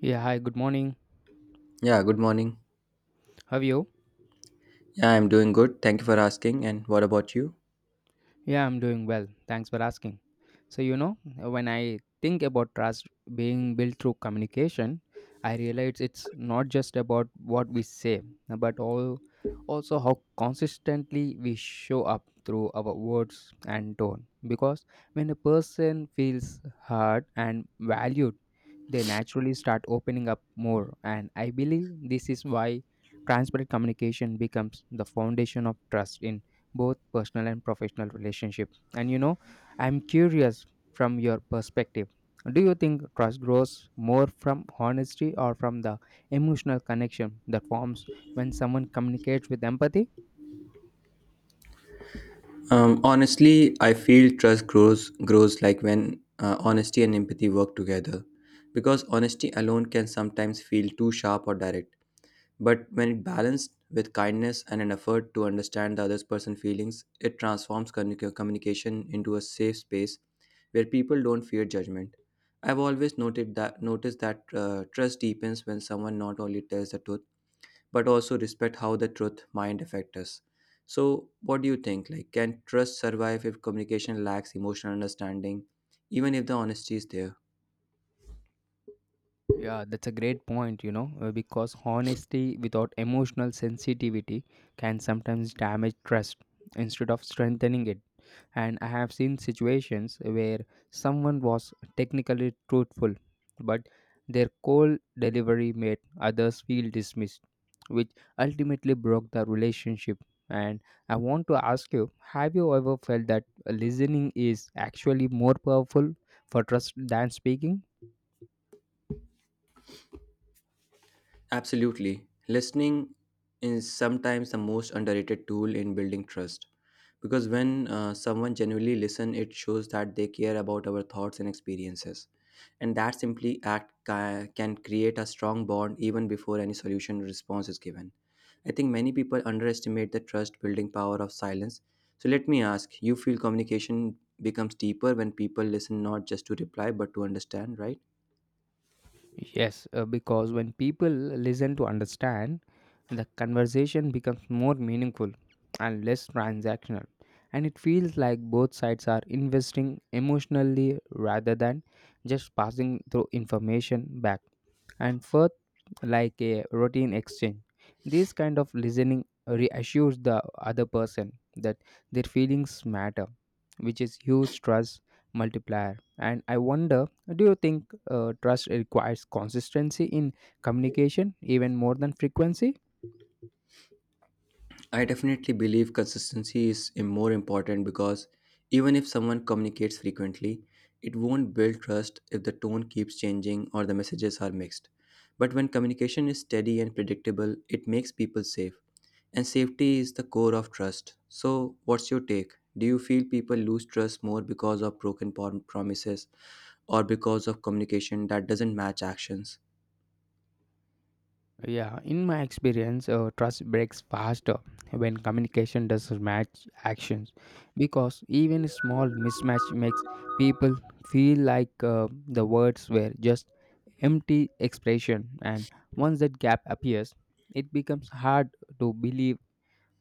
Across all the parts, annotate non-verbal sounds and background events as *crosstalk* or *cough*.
Yeah, hi, good morning. Yeah, good morning. How are you? Yeah, I'm doing good. Thank you for asking. And what about you? Yeah, I'm doing well. Thanks for asking. So, you know, when I think about trust being built through communication, I realize it's not just about what we say, but all also how consistently we show up through our words and tone. Because when a person feels heard and valued, they naturally start opening up more. And I believe this is why transparent communication becomes the foundation of trust in both personal and professional relationships. And you know, I'm curious from your perspective. Do you think trust grows more from honesty or from the emotional connection that forms when someone communicates with empathy? Honestly, I feel trust grows like when honesty and empathy work together, because honesty alone can sometimes feel too sharp or direct. But when it balanced with kindness and an effort to understand the other person's feelings, it transforms communication into a safe space where people don't fear judgment. I've always noted that noticed that trust deepens when someone not only tells the truth but also respect how the truth mind affect us. So what do you think, like, can trust survive if communication lacks emotional understanding, even if the honesty is there? Yeah, that's a great point, you know, because honesty without emotional sensitivity can sometimes damage trust instead of strengthening it. And I have seen situations where someone was technically truthful, but their cold delivery made others feel dismissed, which ultimately broke the relationship. And I want to ask you, have you ever felt that listening is actually more powerful for trust than speaking? Absolutely. Listening is sometimes the most underrated tool in building trust, because when someone genuinely listens, it shows that they care about our thoughts and experiences, and that simply can create a strong bond even before any solution or response is given. I think many people underestimate the trust building power of silence. So let me ask, you feel communication becomes deeper when people listen not just to reply but to understand, right? Yes, because when people listen to understand, the conversation becomes more meaningful and less transactional. And it feels like both sides are investing emotionally rather than just passing through information back and forth like a routine exchange. This kind of listening reassures the other person that their feelings matter, which is huge trust multiplier. And I wonder, do you think trust requires consistency in communication even more than frequency? I definitely believe consistency is more important, because even if someone communicates frequently, it won't build trust if the tone keeps changing or the messages are mixed. But when communication is steady and predictable, it makes people safe. And safety is the core of trust. So, what's your take? Do you feel people lose trust more because of broken promises, or because of communication that doesn't match actions? Yeah, in my experience, trust breaks faster when communication doesn't match actions because even a small mismatch makes people feel like the words were just empty expression, and once that gap appears, it becomes hard to believe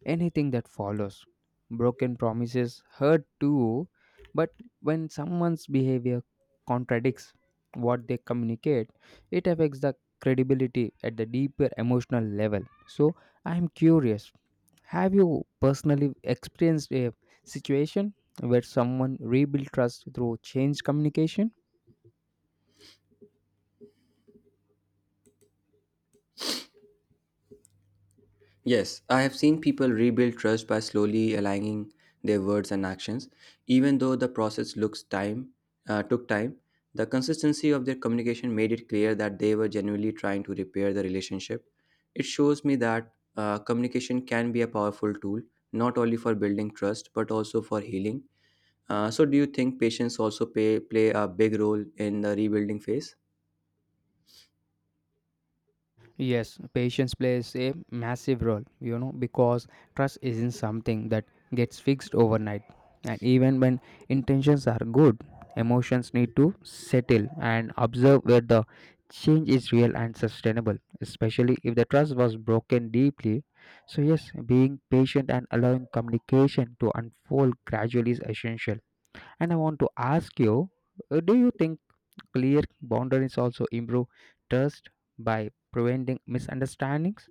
anything that follows. Broken promises hurt too, but when someone's behavior contradicts what they communicate, it affects the credibility at the deeper emotional level. So, I am curious, have you personally experienced a situation where someone rebuilt trust through change communication? Yes, I have seen people rebuild trust by slowly aligning their words and actions. Even though the process looks time took time, the consistency of their communication made it clear that they were genuinely trying to repair the relationship. It shows me that communication can be a powerful tool, not only for building trust but also for healing. So, do you think patients also play a big role in the rebuilding phase? Yes, patience plays a massive role, you know, because trust isn't something that gets fixed overnight. And even when intentions are good, emotions need to settle and observe where the change is real and sustainable, especially if the trust was broken deeply. So, yes, being patient and allowing communication to unfold gradually is essential. And I want to ask you, do you think clear boundaries also improve trust by preventing misunderstandings.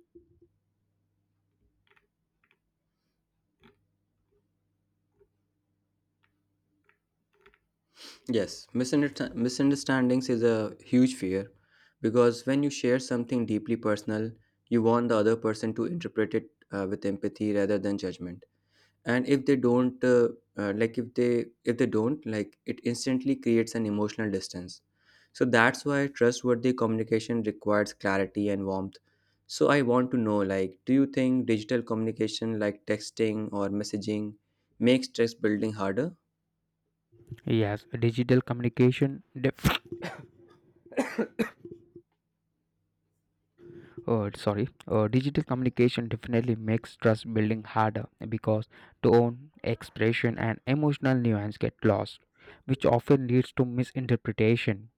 Yes, misunderstandings is a huge fear, because when you share something deeply personal, you want the other person to interpret it with empathy rather than judgment. And if they don't, if they don't, like it instantly creates an emotional distance. So that's why trustworthy communication requires clarity and warmth. So I want to know, like, do you think digital communication, like texting or messaging, makes trust building harder? Yes, digital communication. Digital communication definitely makes trust building harder because tone, expression, and emotional nuance get lost, which often leads to misinterpretation.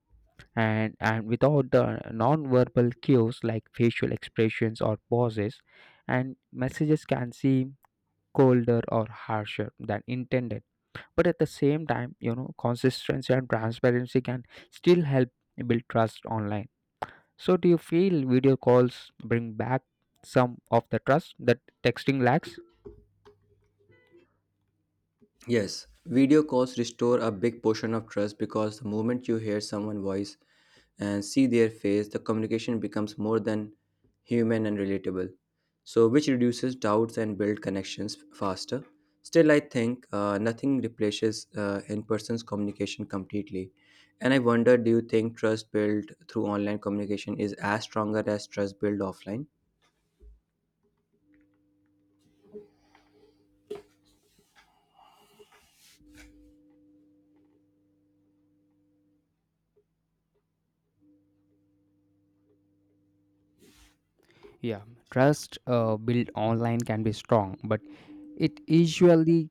And without the non-verbal cues like facial expressions or pauses, and messages can seem colder or harsher than intended. But at the same time, you know, consistency and transparency can still help build trust online. So, do you feel video calls bring back some of the trust that texting lacks? Yes, video calls restore a big portion of trust because the moment you hear someone's voice and see their face, the communication becomes more than human and relatable. So, which reduces doubts and build connections faster. Still, I think nothing replaces in-person's communication completely. And I wonder, do you think trust built through online communication is as stronger as trust built offline? Yeah, trust built online can be strong, but it usually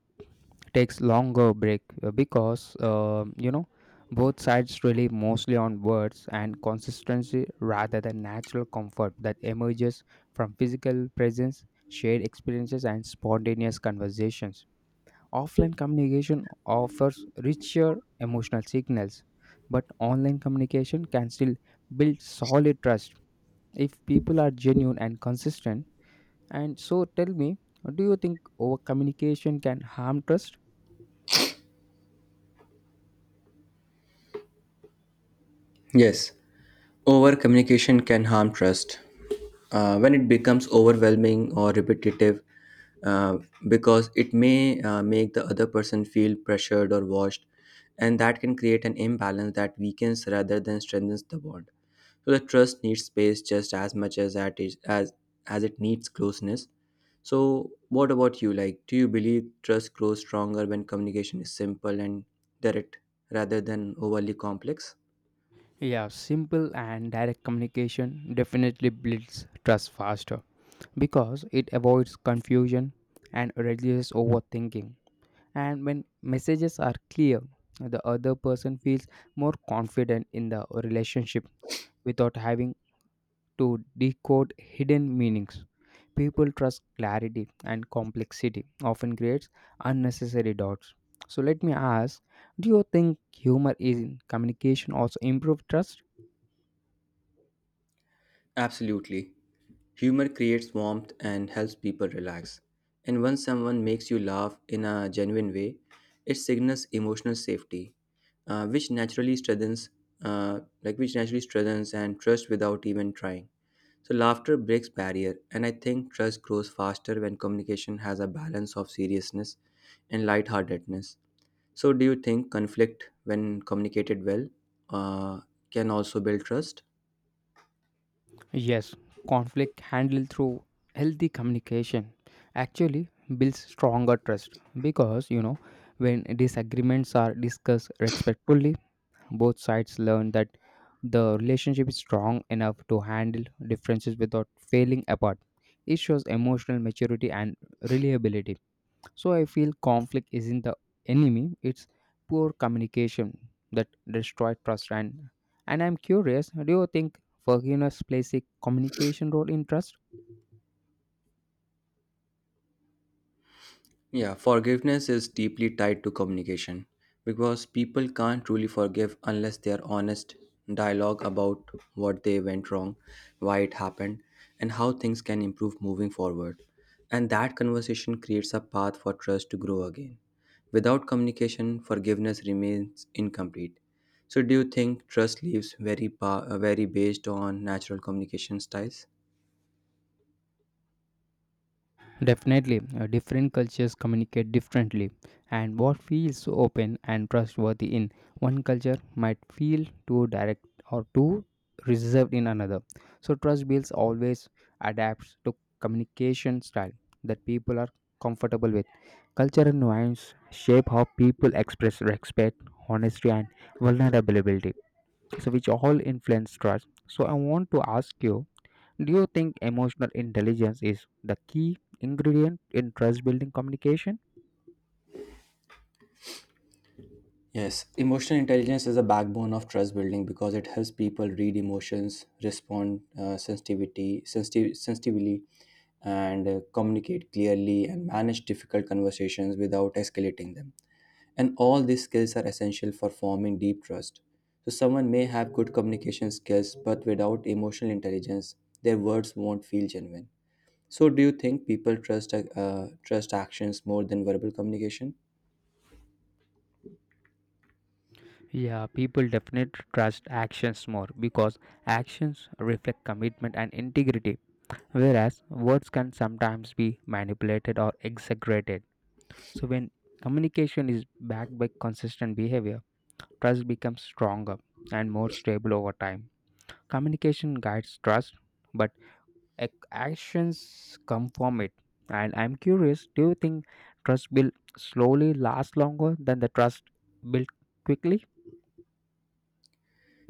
takes longer break because you know, both sides rely mostly on words and consistency rather than natural comfort that emerges from physical presence, shared experiences, and spontaneous conversations. Offline communication offers richer emotional signals, but online communication can still build solid trust if people are genuine and consistent. And so tell me, do you think over communication can harm trust? Yes. Over communication can harm trust when it becomes overwhelming or repetitive, uh, because it may make the other person feel pressured or watched, and that can create an imbalance that weakens rather than strengthens the bond. So the trust needs space just as much as as it needs closeness. So what about you? Like, do you believe trust grows stronger when communication is simple and direct rather than overly complex? Yeah, simple and direct communication definitely builds trust faster because it avoids confusion and reduces overthinking. And when messages are clear, the other person feels more confident in the relationship without having to decode hidden meanings. People trust clarity, and complexity often creates unnecessary doubts. So let me ask, do you think humor in communication also improves trust? Absolutely. Humor creates warmth and helps people relax. And when someone makes you laugh in a genuine way, it signals emotional safety, uh, which naturally strengthens, which naturally strengthens and trust without even trying. So laughter breaks barrier, and I think trust grows faster when communication has a balance of seriousness and lightheartedness. So, do you think conflict, when communicated well, uh, can also build trust? Yes, conflict handled through healthy communication actually builds stronger trust because you know, when disagreements are discussed respectfully, both sides learn that the relationship is strong enough to handle differences without failing apart. It shows emotional maturity and reliability. So I feel conflict isn't the enemy, it's poor communication that destroys trust. And I'm curious, do you think forgiveness plays a communication role in trust? Yeah, forgiveness is deeply tied to communication because people can't truly forgive unless they are honest, dialogue about what they went wrong, why it happened, and how things can improve moving forward. And that conversation creates a path for trust to grow again. Without communication, forgiveness remains incomplete. So, do you think trust leaves very based on natural communication styles? Definitely, different cultures communicate differently, and what feels open and trustworthy in one culture might feel too direct or too reserved in another. So, trust builds always adapts to communication style that people are comfortable with. Cultural nuance shape how people express respect, honesty, and vulnerability, so which all influence trust. So, I want to ask you, do you think emotional intelligence is the key ingredient in trust building communication? Yes, emotional intelligence is a backbone of trust building because it helps people read emotions, respond sensitively, and communicate clearly and manage difficult conversations without escalating them. And all these skills are essential for forming deep trust. So, someone may have good communication skills, but without emotional intelligence, their words won't feel genuine. So, do you think people trust actions more than verbal communication? Yeah, people definitely trust actions more because actions reflect commitment and integrity, whereas words can sometimes be manipulated or exaggerated. So, when communication is backed by consistent behavior, trust becomes stronger and more stable over time. Communication guides trust, but actions come from it. And I'm curious, do you think trust built slowly lasts longer than the trust built quickly?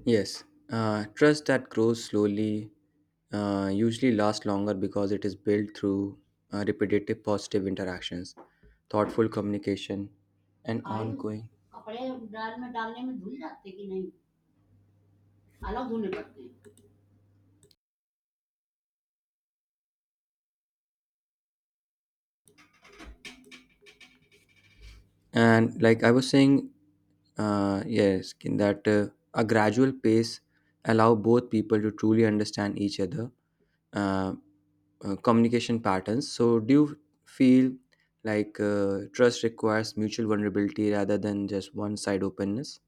Yes, trust that grows slowly usually lasts longer because it is built through repetitive positive interactions, thoughtful communication, and ongoing. And like I was saying, yes, in that a gradual pace allow both people to truly understand each other. uh, Communication patterns. So, do you feel like trust requires mutual vulnerability rather than just one side openness?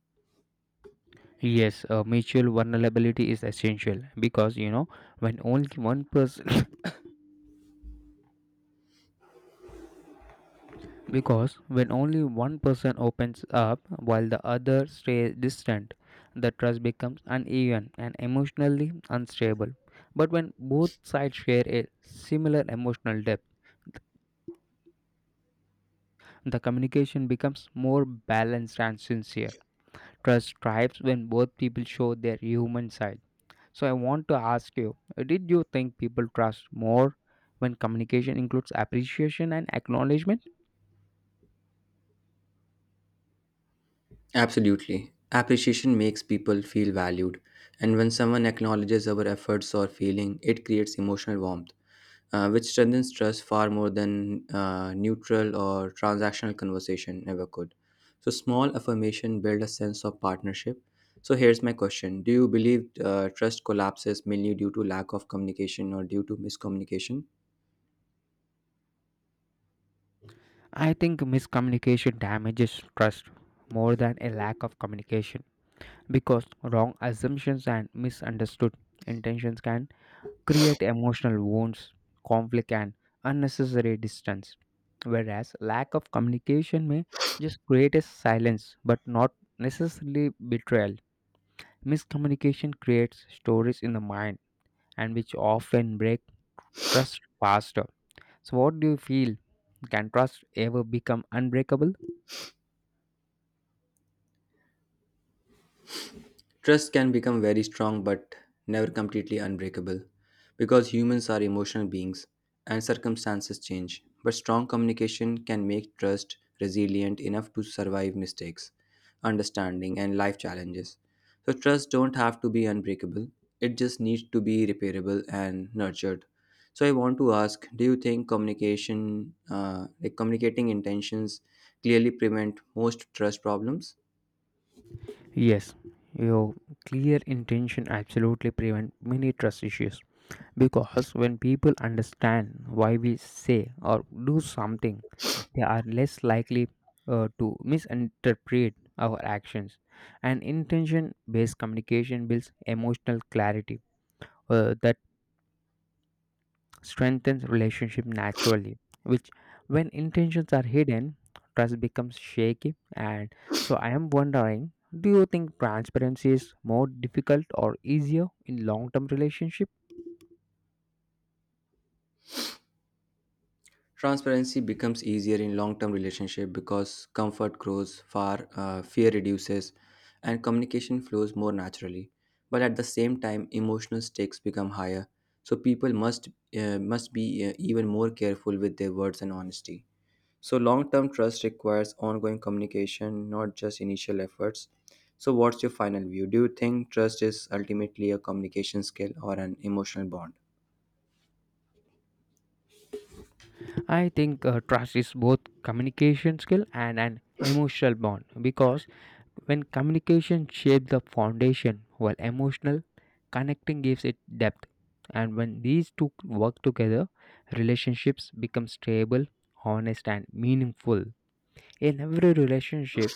Yes, mutual vulnerability is essential because you know, when only one person *coughs* because when only one person opens up while the other stays distant, the trust becomes uneven and emotionally unstable. But when both sides share a similar emotional depth, the communication becomes more balanced and sincere. Trust thrives when both people show their human side. So I want to ask you, did you think people trust more when communication includes appreciation and acknowledgement? Absolutely. Appreciation makes people feel valued, and when someone acknowledges our efforts or feeling, it creates emotional warmth, which strengthens trust far more than neutral or transactional conversation ever could. So, small affirmation build a sense of partnership. So, here's my question: do you believe trust collapses mainly due to lack of communication or due to miscommunication? I think miscommunication damages trust more than a lack of communication because wrong assumptions and misunderstood intentions can create emotional wounds, conflict, and unnecessary distance. Whereas lack of communication may just create a silence but not necessarily betrayal. Miscommunication creates stories in the mind, and which often break trust faster. So, what do you feel? Can trust ever become unbreakable? Trust can become very strong but never completely unbreakable, because humans are emotional beings and circumstances change. But strong communication can make trust resilient enough to survive mistakes, understanding, and life challenges. So, trust don't have to be unbreakable, it just needs to be repairable and nurtured. So, I want to ask, do you think communication, communicating intentions clearly prevent most trust problems? Yes, your clear intention absolutely prevent many trust issues. Because when people understand why we say or do something, they are less likely to misinterpret our actions. And intention based communication builds emotional clarity that strengthens relationship naturally. Which, when intentions are hidden, trust becomes shaky. And so, I am wondering, do you think transparency is more difficult or easier in long term relationship? Transparency becomes easier in long-term relationship because comfort fear reduces, and communication flows more naturally. But at the same time, emotional stakes become higher, so people must be even more careful with their words and honesty. So long-term trust requires ongoing communication, not just initial efforts. So what's your final view? Do you think trust is ultimately a communication skill or an emotional bond? I think trust is both communication skill and an emotional bond because when communication shapes the foundation while emotional connecting gives it depth, and when these two work together, relationships become stable, honest, and meaningful. In every relationship,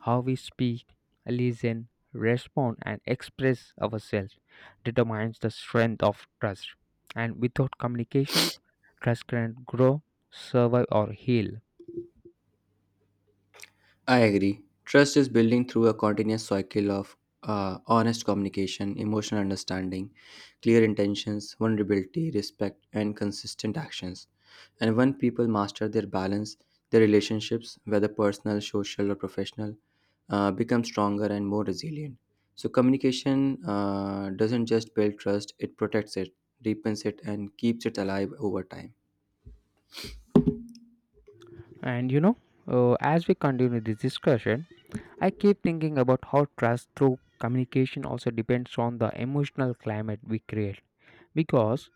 how we speak, listen, respond, and express ourselves determines the strength of trust. And without communication, trust cannot grow, survive, or heal. I agree. Trust is building through a continuous cycle of honest communication, emotional understanding, clear intentions, vulnerability, respect, and consistent actions. And when people master their balance, their relationships, whether personal, social, or professional, become stronger and more resilient. So, communication doesn't just build trust, it protects it, deepens it, and keeps it alive over time. And you know, as we continue this discussion, I keep thinking about how trust through communication also depends on the emotional climate we create. Because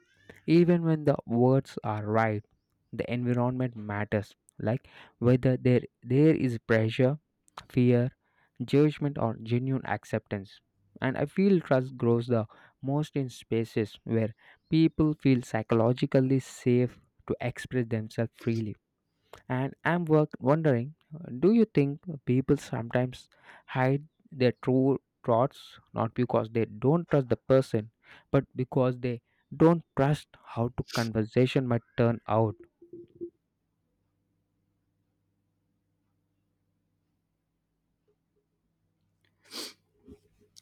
even when the words are right, the environment matters, like whether there is pressure, fear, judgment, or genuine acceptance. And I feel trust grows the most in spaces where people feel psychologically safe to express themselves freely. And I'm work wondering, do you think people sometimes hide their true thoughts not because they don't trust the person, but because they don't trust how to conversation might turn out?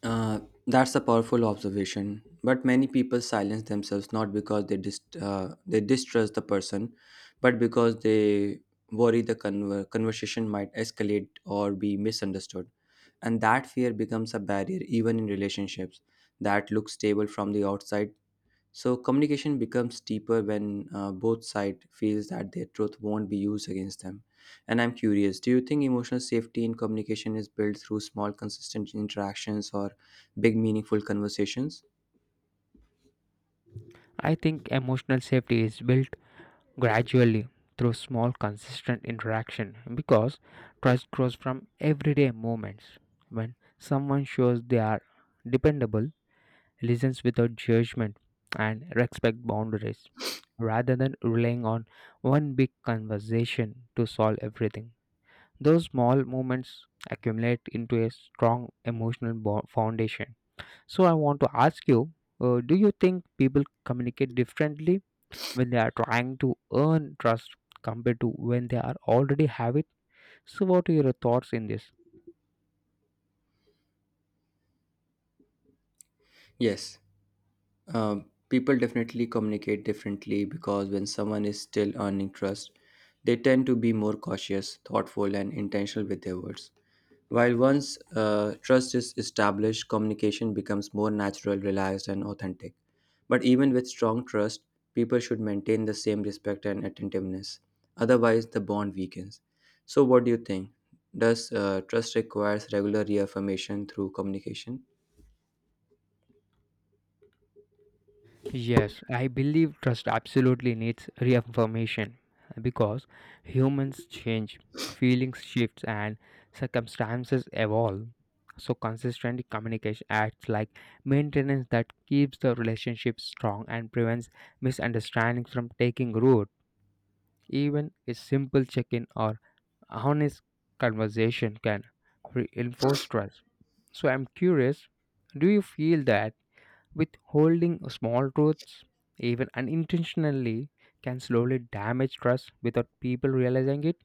Uh, that's a powerful observation. But many people silence themselves not because they distrust the person, but because they worry the conversation might escalate or be misunderstood, and that fear becomes a barrier even in relationships that look stable from the outside. So communication becomes deeper when both side feels that their truth won't be used against them. And I'm curious, do you think emotional safety in communication is built through small, consistent interactions or big, meaningful conversations? I think emotional safety is built gradually through small consistent interaction because trust grows from everyday moments when someone shows they are dependable, listens without judgment, and respect boundaries rather than relying on one big conversation to solve everything. Those small moments accumulate into a strong foundation. So, I want to ask you, do you think people communicate differently when they are trying to earn trust compared to when they are already have it? So, what are your thoughts in this? Yes, people definitely communicate differently because when someone is still earning trust, they tend to be more cautious, thoughtful, and intentional with their words. While once trust is established, communication becomes more natural, relaxed, and authentic. But even with strong trust, people should maintain the same respect and attentiveness. Otherwise, the bond weakens. So, what do you think? Does trust requires regular reaffirmation through communication? Yes, I believe trust absolutely needs reaffirmation because humans change, feelings shift, and circumstances evolve. So, consistent communication acts like maintenance that keeps the relationship strong and prevents misunderstandings from taking root. Even a simple check in or honest conversation can reinforce trust. So, I'm curious, do you feel that with holding small truths, even unintentionally, can slowly damage trust without people realizing it.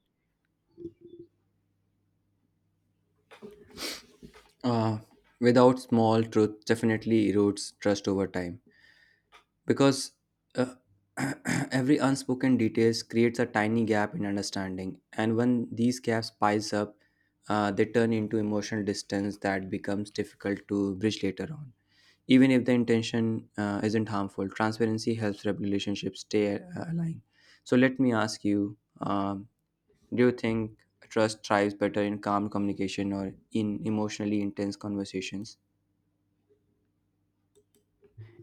Uh, Without small truth, definitely erodes trust over time, because uh, *clears throat* every unspoken details creates a tiny gap in understanding, and when these gaps piles up, they turn into emotional distance that becomes difficult to bridge later on. Even if the intention isn't harmful, transparency helps relationships stay aligned. So let me ask you, do you think trust thrives better in calm communication or in emotionally intense conversations?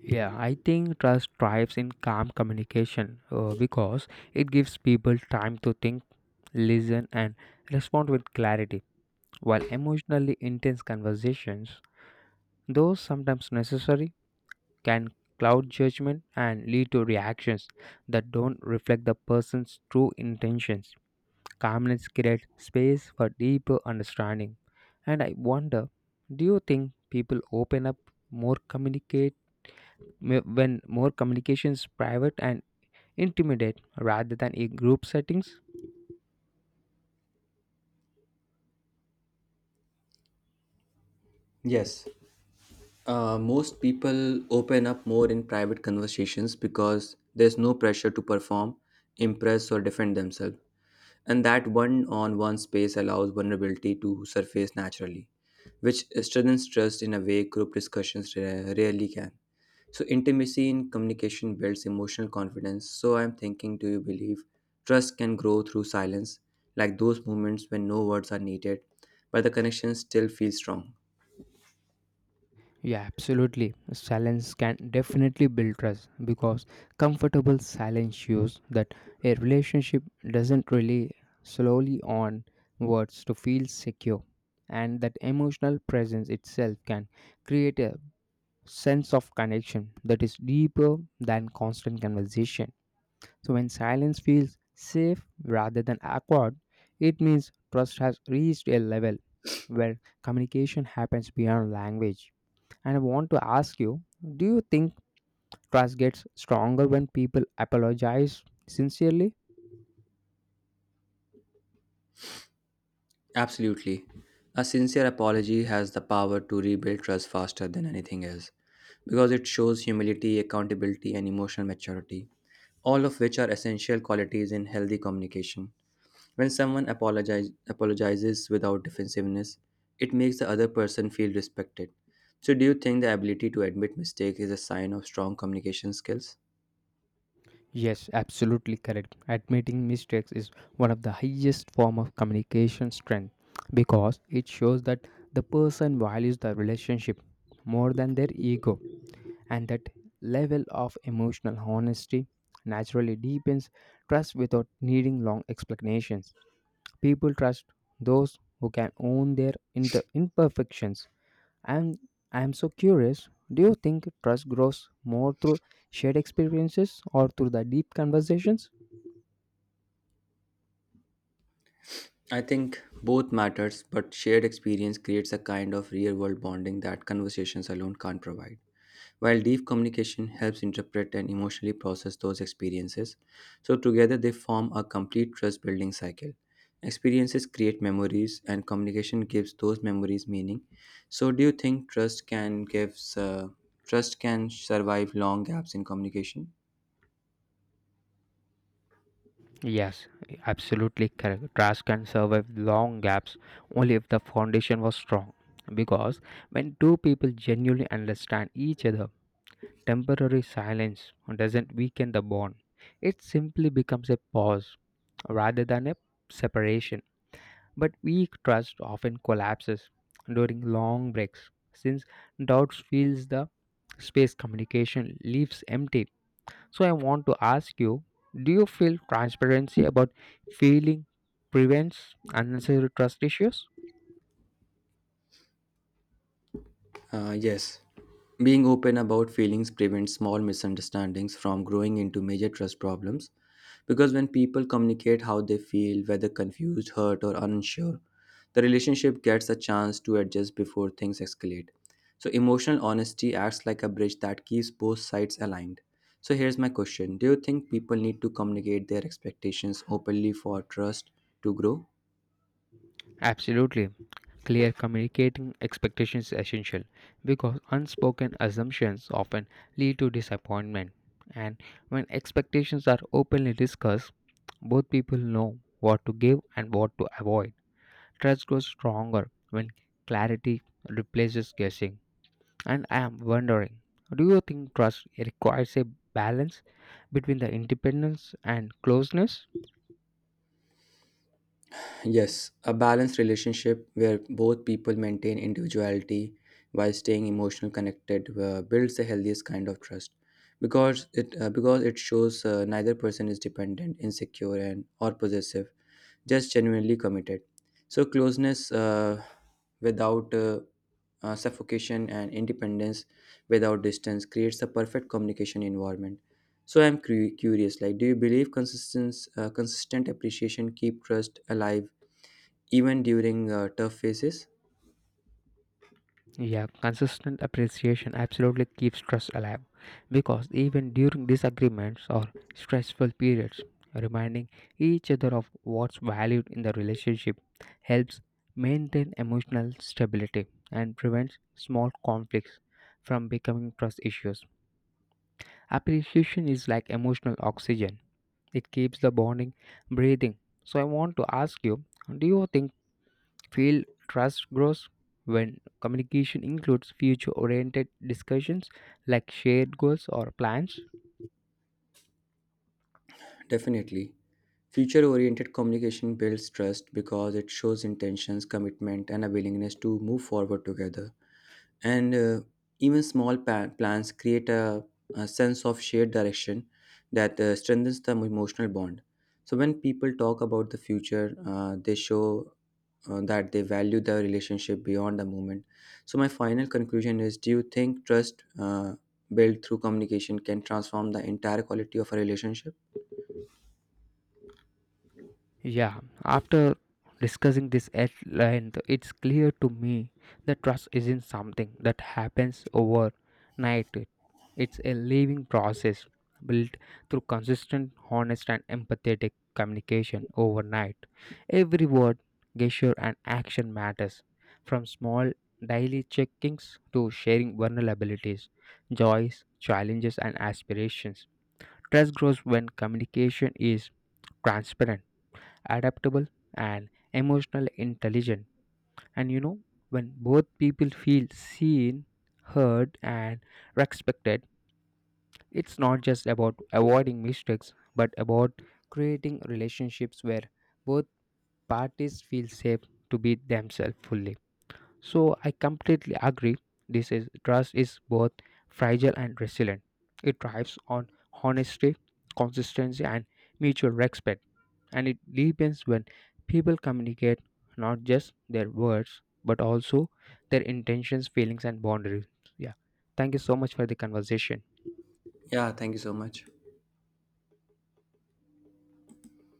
Yeah, I think trust thrives in calm communication because it gives people time to think, listen, and respond with clarity, while emotionally intense conversations, though sometimes necessary, can cloud judgment and lead to reactions that don't reflect the person's true intentions. Calmness creates space for deeper understanding. And I wonder, do you think people open up more when more communications private and intimate rather than in group settings? Yes. Most people open up more in private conversations because there's no pressure to perform, impress, or defend themselves. And that one on one space allows vulnerability to surface naturally, which strengthens trust in a way group discussions rarely can. So, intimacy in communication builds emotional confidence. So, I'm thinking, do you believe trust can grow through silence, like those moments when no words are needed, but the connection still feels strong? Yeah, absolutely. Silence can definitely build trust because comfortable silence shows that a relationship doesn't rely slowly on words to feel secure, and that emotional presence itself can create a sense of connection that is deeper than constant conversation. So, when silence feels safe rather than awkward, it means trust has reached a level where communication happens beyond language. And I want to ask you, do you think trust gets stronger when people apologize sincerely? Absolutely. A sincere apology has the power to rebuild trust faster than anything else because it shows humility, accountability, and emotional maturity, all of which are essential qualities in healthy communication. When someone apologizes without defensiveness, it makes the other person feel respected. So, do you think the ability to admit mistake is a sign of strong communication skills? Yes, absolutely correct. Admitting mistakes is one of the highest form of communication strength because it shows that the person values the relationship more than their ego, and that level of emotional honesty naturally deepens trust without needing long explanations. People trust those who can own their imperfections, and I'm so curious, do you think trust grows more through shared experiences or through the deep conversations? I think both matters, but shared experience creates a kind of real world bonding that conversations alone can't provide, while deep communication helps interpret and emotionally process those experiences. So, together they form a complete trust building cycle. Experiences create memories, and communication gives those memories meaning. So, do you think trust can survive long gaps in communication? Yes, absolutely correct. Trust can survive long gaps only if the foundation was strong. Because when two people genuinely understand each other, temporary silence doesn't weaken the bond. It simply becomes a pause rather than a separation. But weak trust often collapses during long breaks since doubts fills the space communication leaves empty. So I want to ask you, do you feel transparency about feeling prevents unnecessary trust issues? Yes, being open about feelings prevents small misunderstandings from growing into major trust problems, because when people communicate how they feel, whether confused, hurt, or unsure, the relationship gets a chance to adjust before things escalate. So, emotional honesty acts like a bridge that keeps both sides aligned. So, here's my question: do you think people need to communicate their expectations openly for trust to grow? Absolutely. Clear communicating expectations is essential because unspoken assumptions often lead to disappointment. And when expectations are openly discussed, both people know what to give and what to avoid. Trust grows stronger when clarity replaces guessing. And I am wondering, do you think trust requires a balance between the independence and closeness? Yes, a balanced relationship where both people maintain individuality while staying emotionally connected builds the healthiest kind of trust, because it shows neither person is dependent, insecure, and or possessive, just genuinely committed. So closeness without suffocation, and independence without distance creates the perfect communication environment. So I'm curious, like, do you believe consistent appreciation keep trust alive, even during tough phases? Yeah, consistent appreciation absolutely keeps trust alive because even during disagreements or stressful periods, reminding each other of what's valued in the relationship helps maintain emotional stability and prevents small conflicts from becoming trust issues. Appreciation is like emotional oxygen, it keeps the bonding breathing. So, I want to ask you, do you think Feel trust grows when communication includes future oriented discussions like shared goals or plans. Definitely. Future oriented communication builds trust because it shows intentions, commitment, and a willingness to move forward together. And even small plans create a sense of shared direction that strengthens the emotional bond. So, when people talk about the future, they show that they value the relationship beyond the moment. So, my final conclusion is, do you think trust built through communication can transform the entire quality of a relationship? Yeah, after discussing this at length, it's clear to me that trust isn't something that happens overnight. It's a living process built through consistent, honest, and empathetic communication overnight. Every word, gesture, and action matters, from small daily check ins to sharing vulnerabilities, joys, challenges, and aspirations. Trust grows when communication is transparent, adaptable, and emotional intelligent. And you know, when both people feel seen, heard, and respected, it's not just about avoiding mistakes but about creating relationships where both parties feel safe to be themselves fully. So I completely agree, this is trust is both fragile and resilient. It thrives on honesty, consistency, and mutual respect, and it deepens when people communicate not just their words but also their intentions, feelings, and boundaries. Yeah, thank you so much for the conversation. Yeah, thank you so much.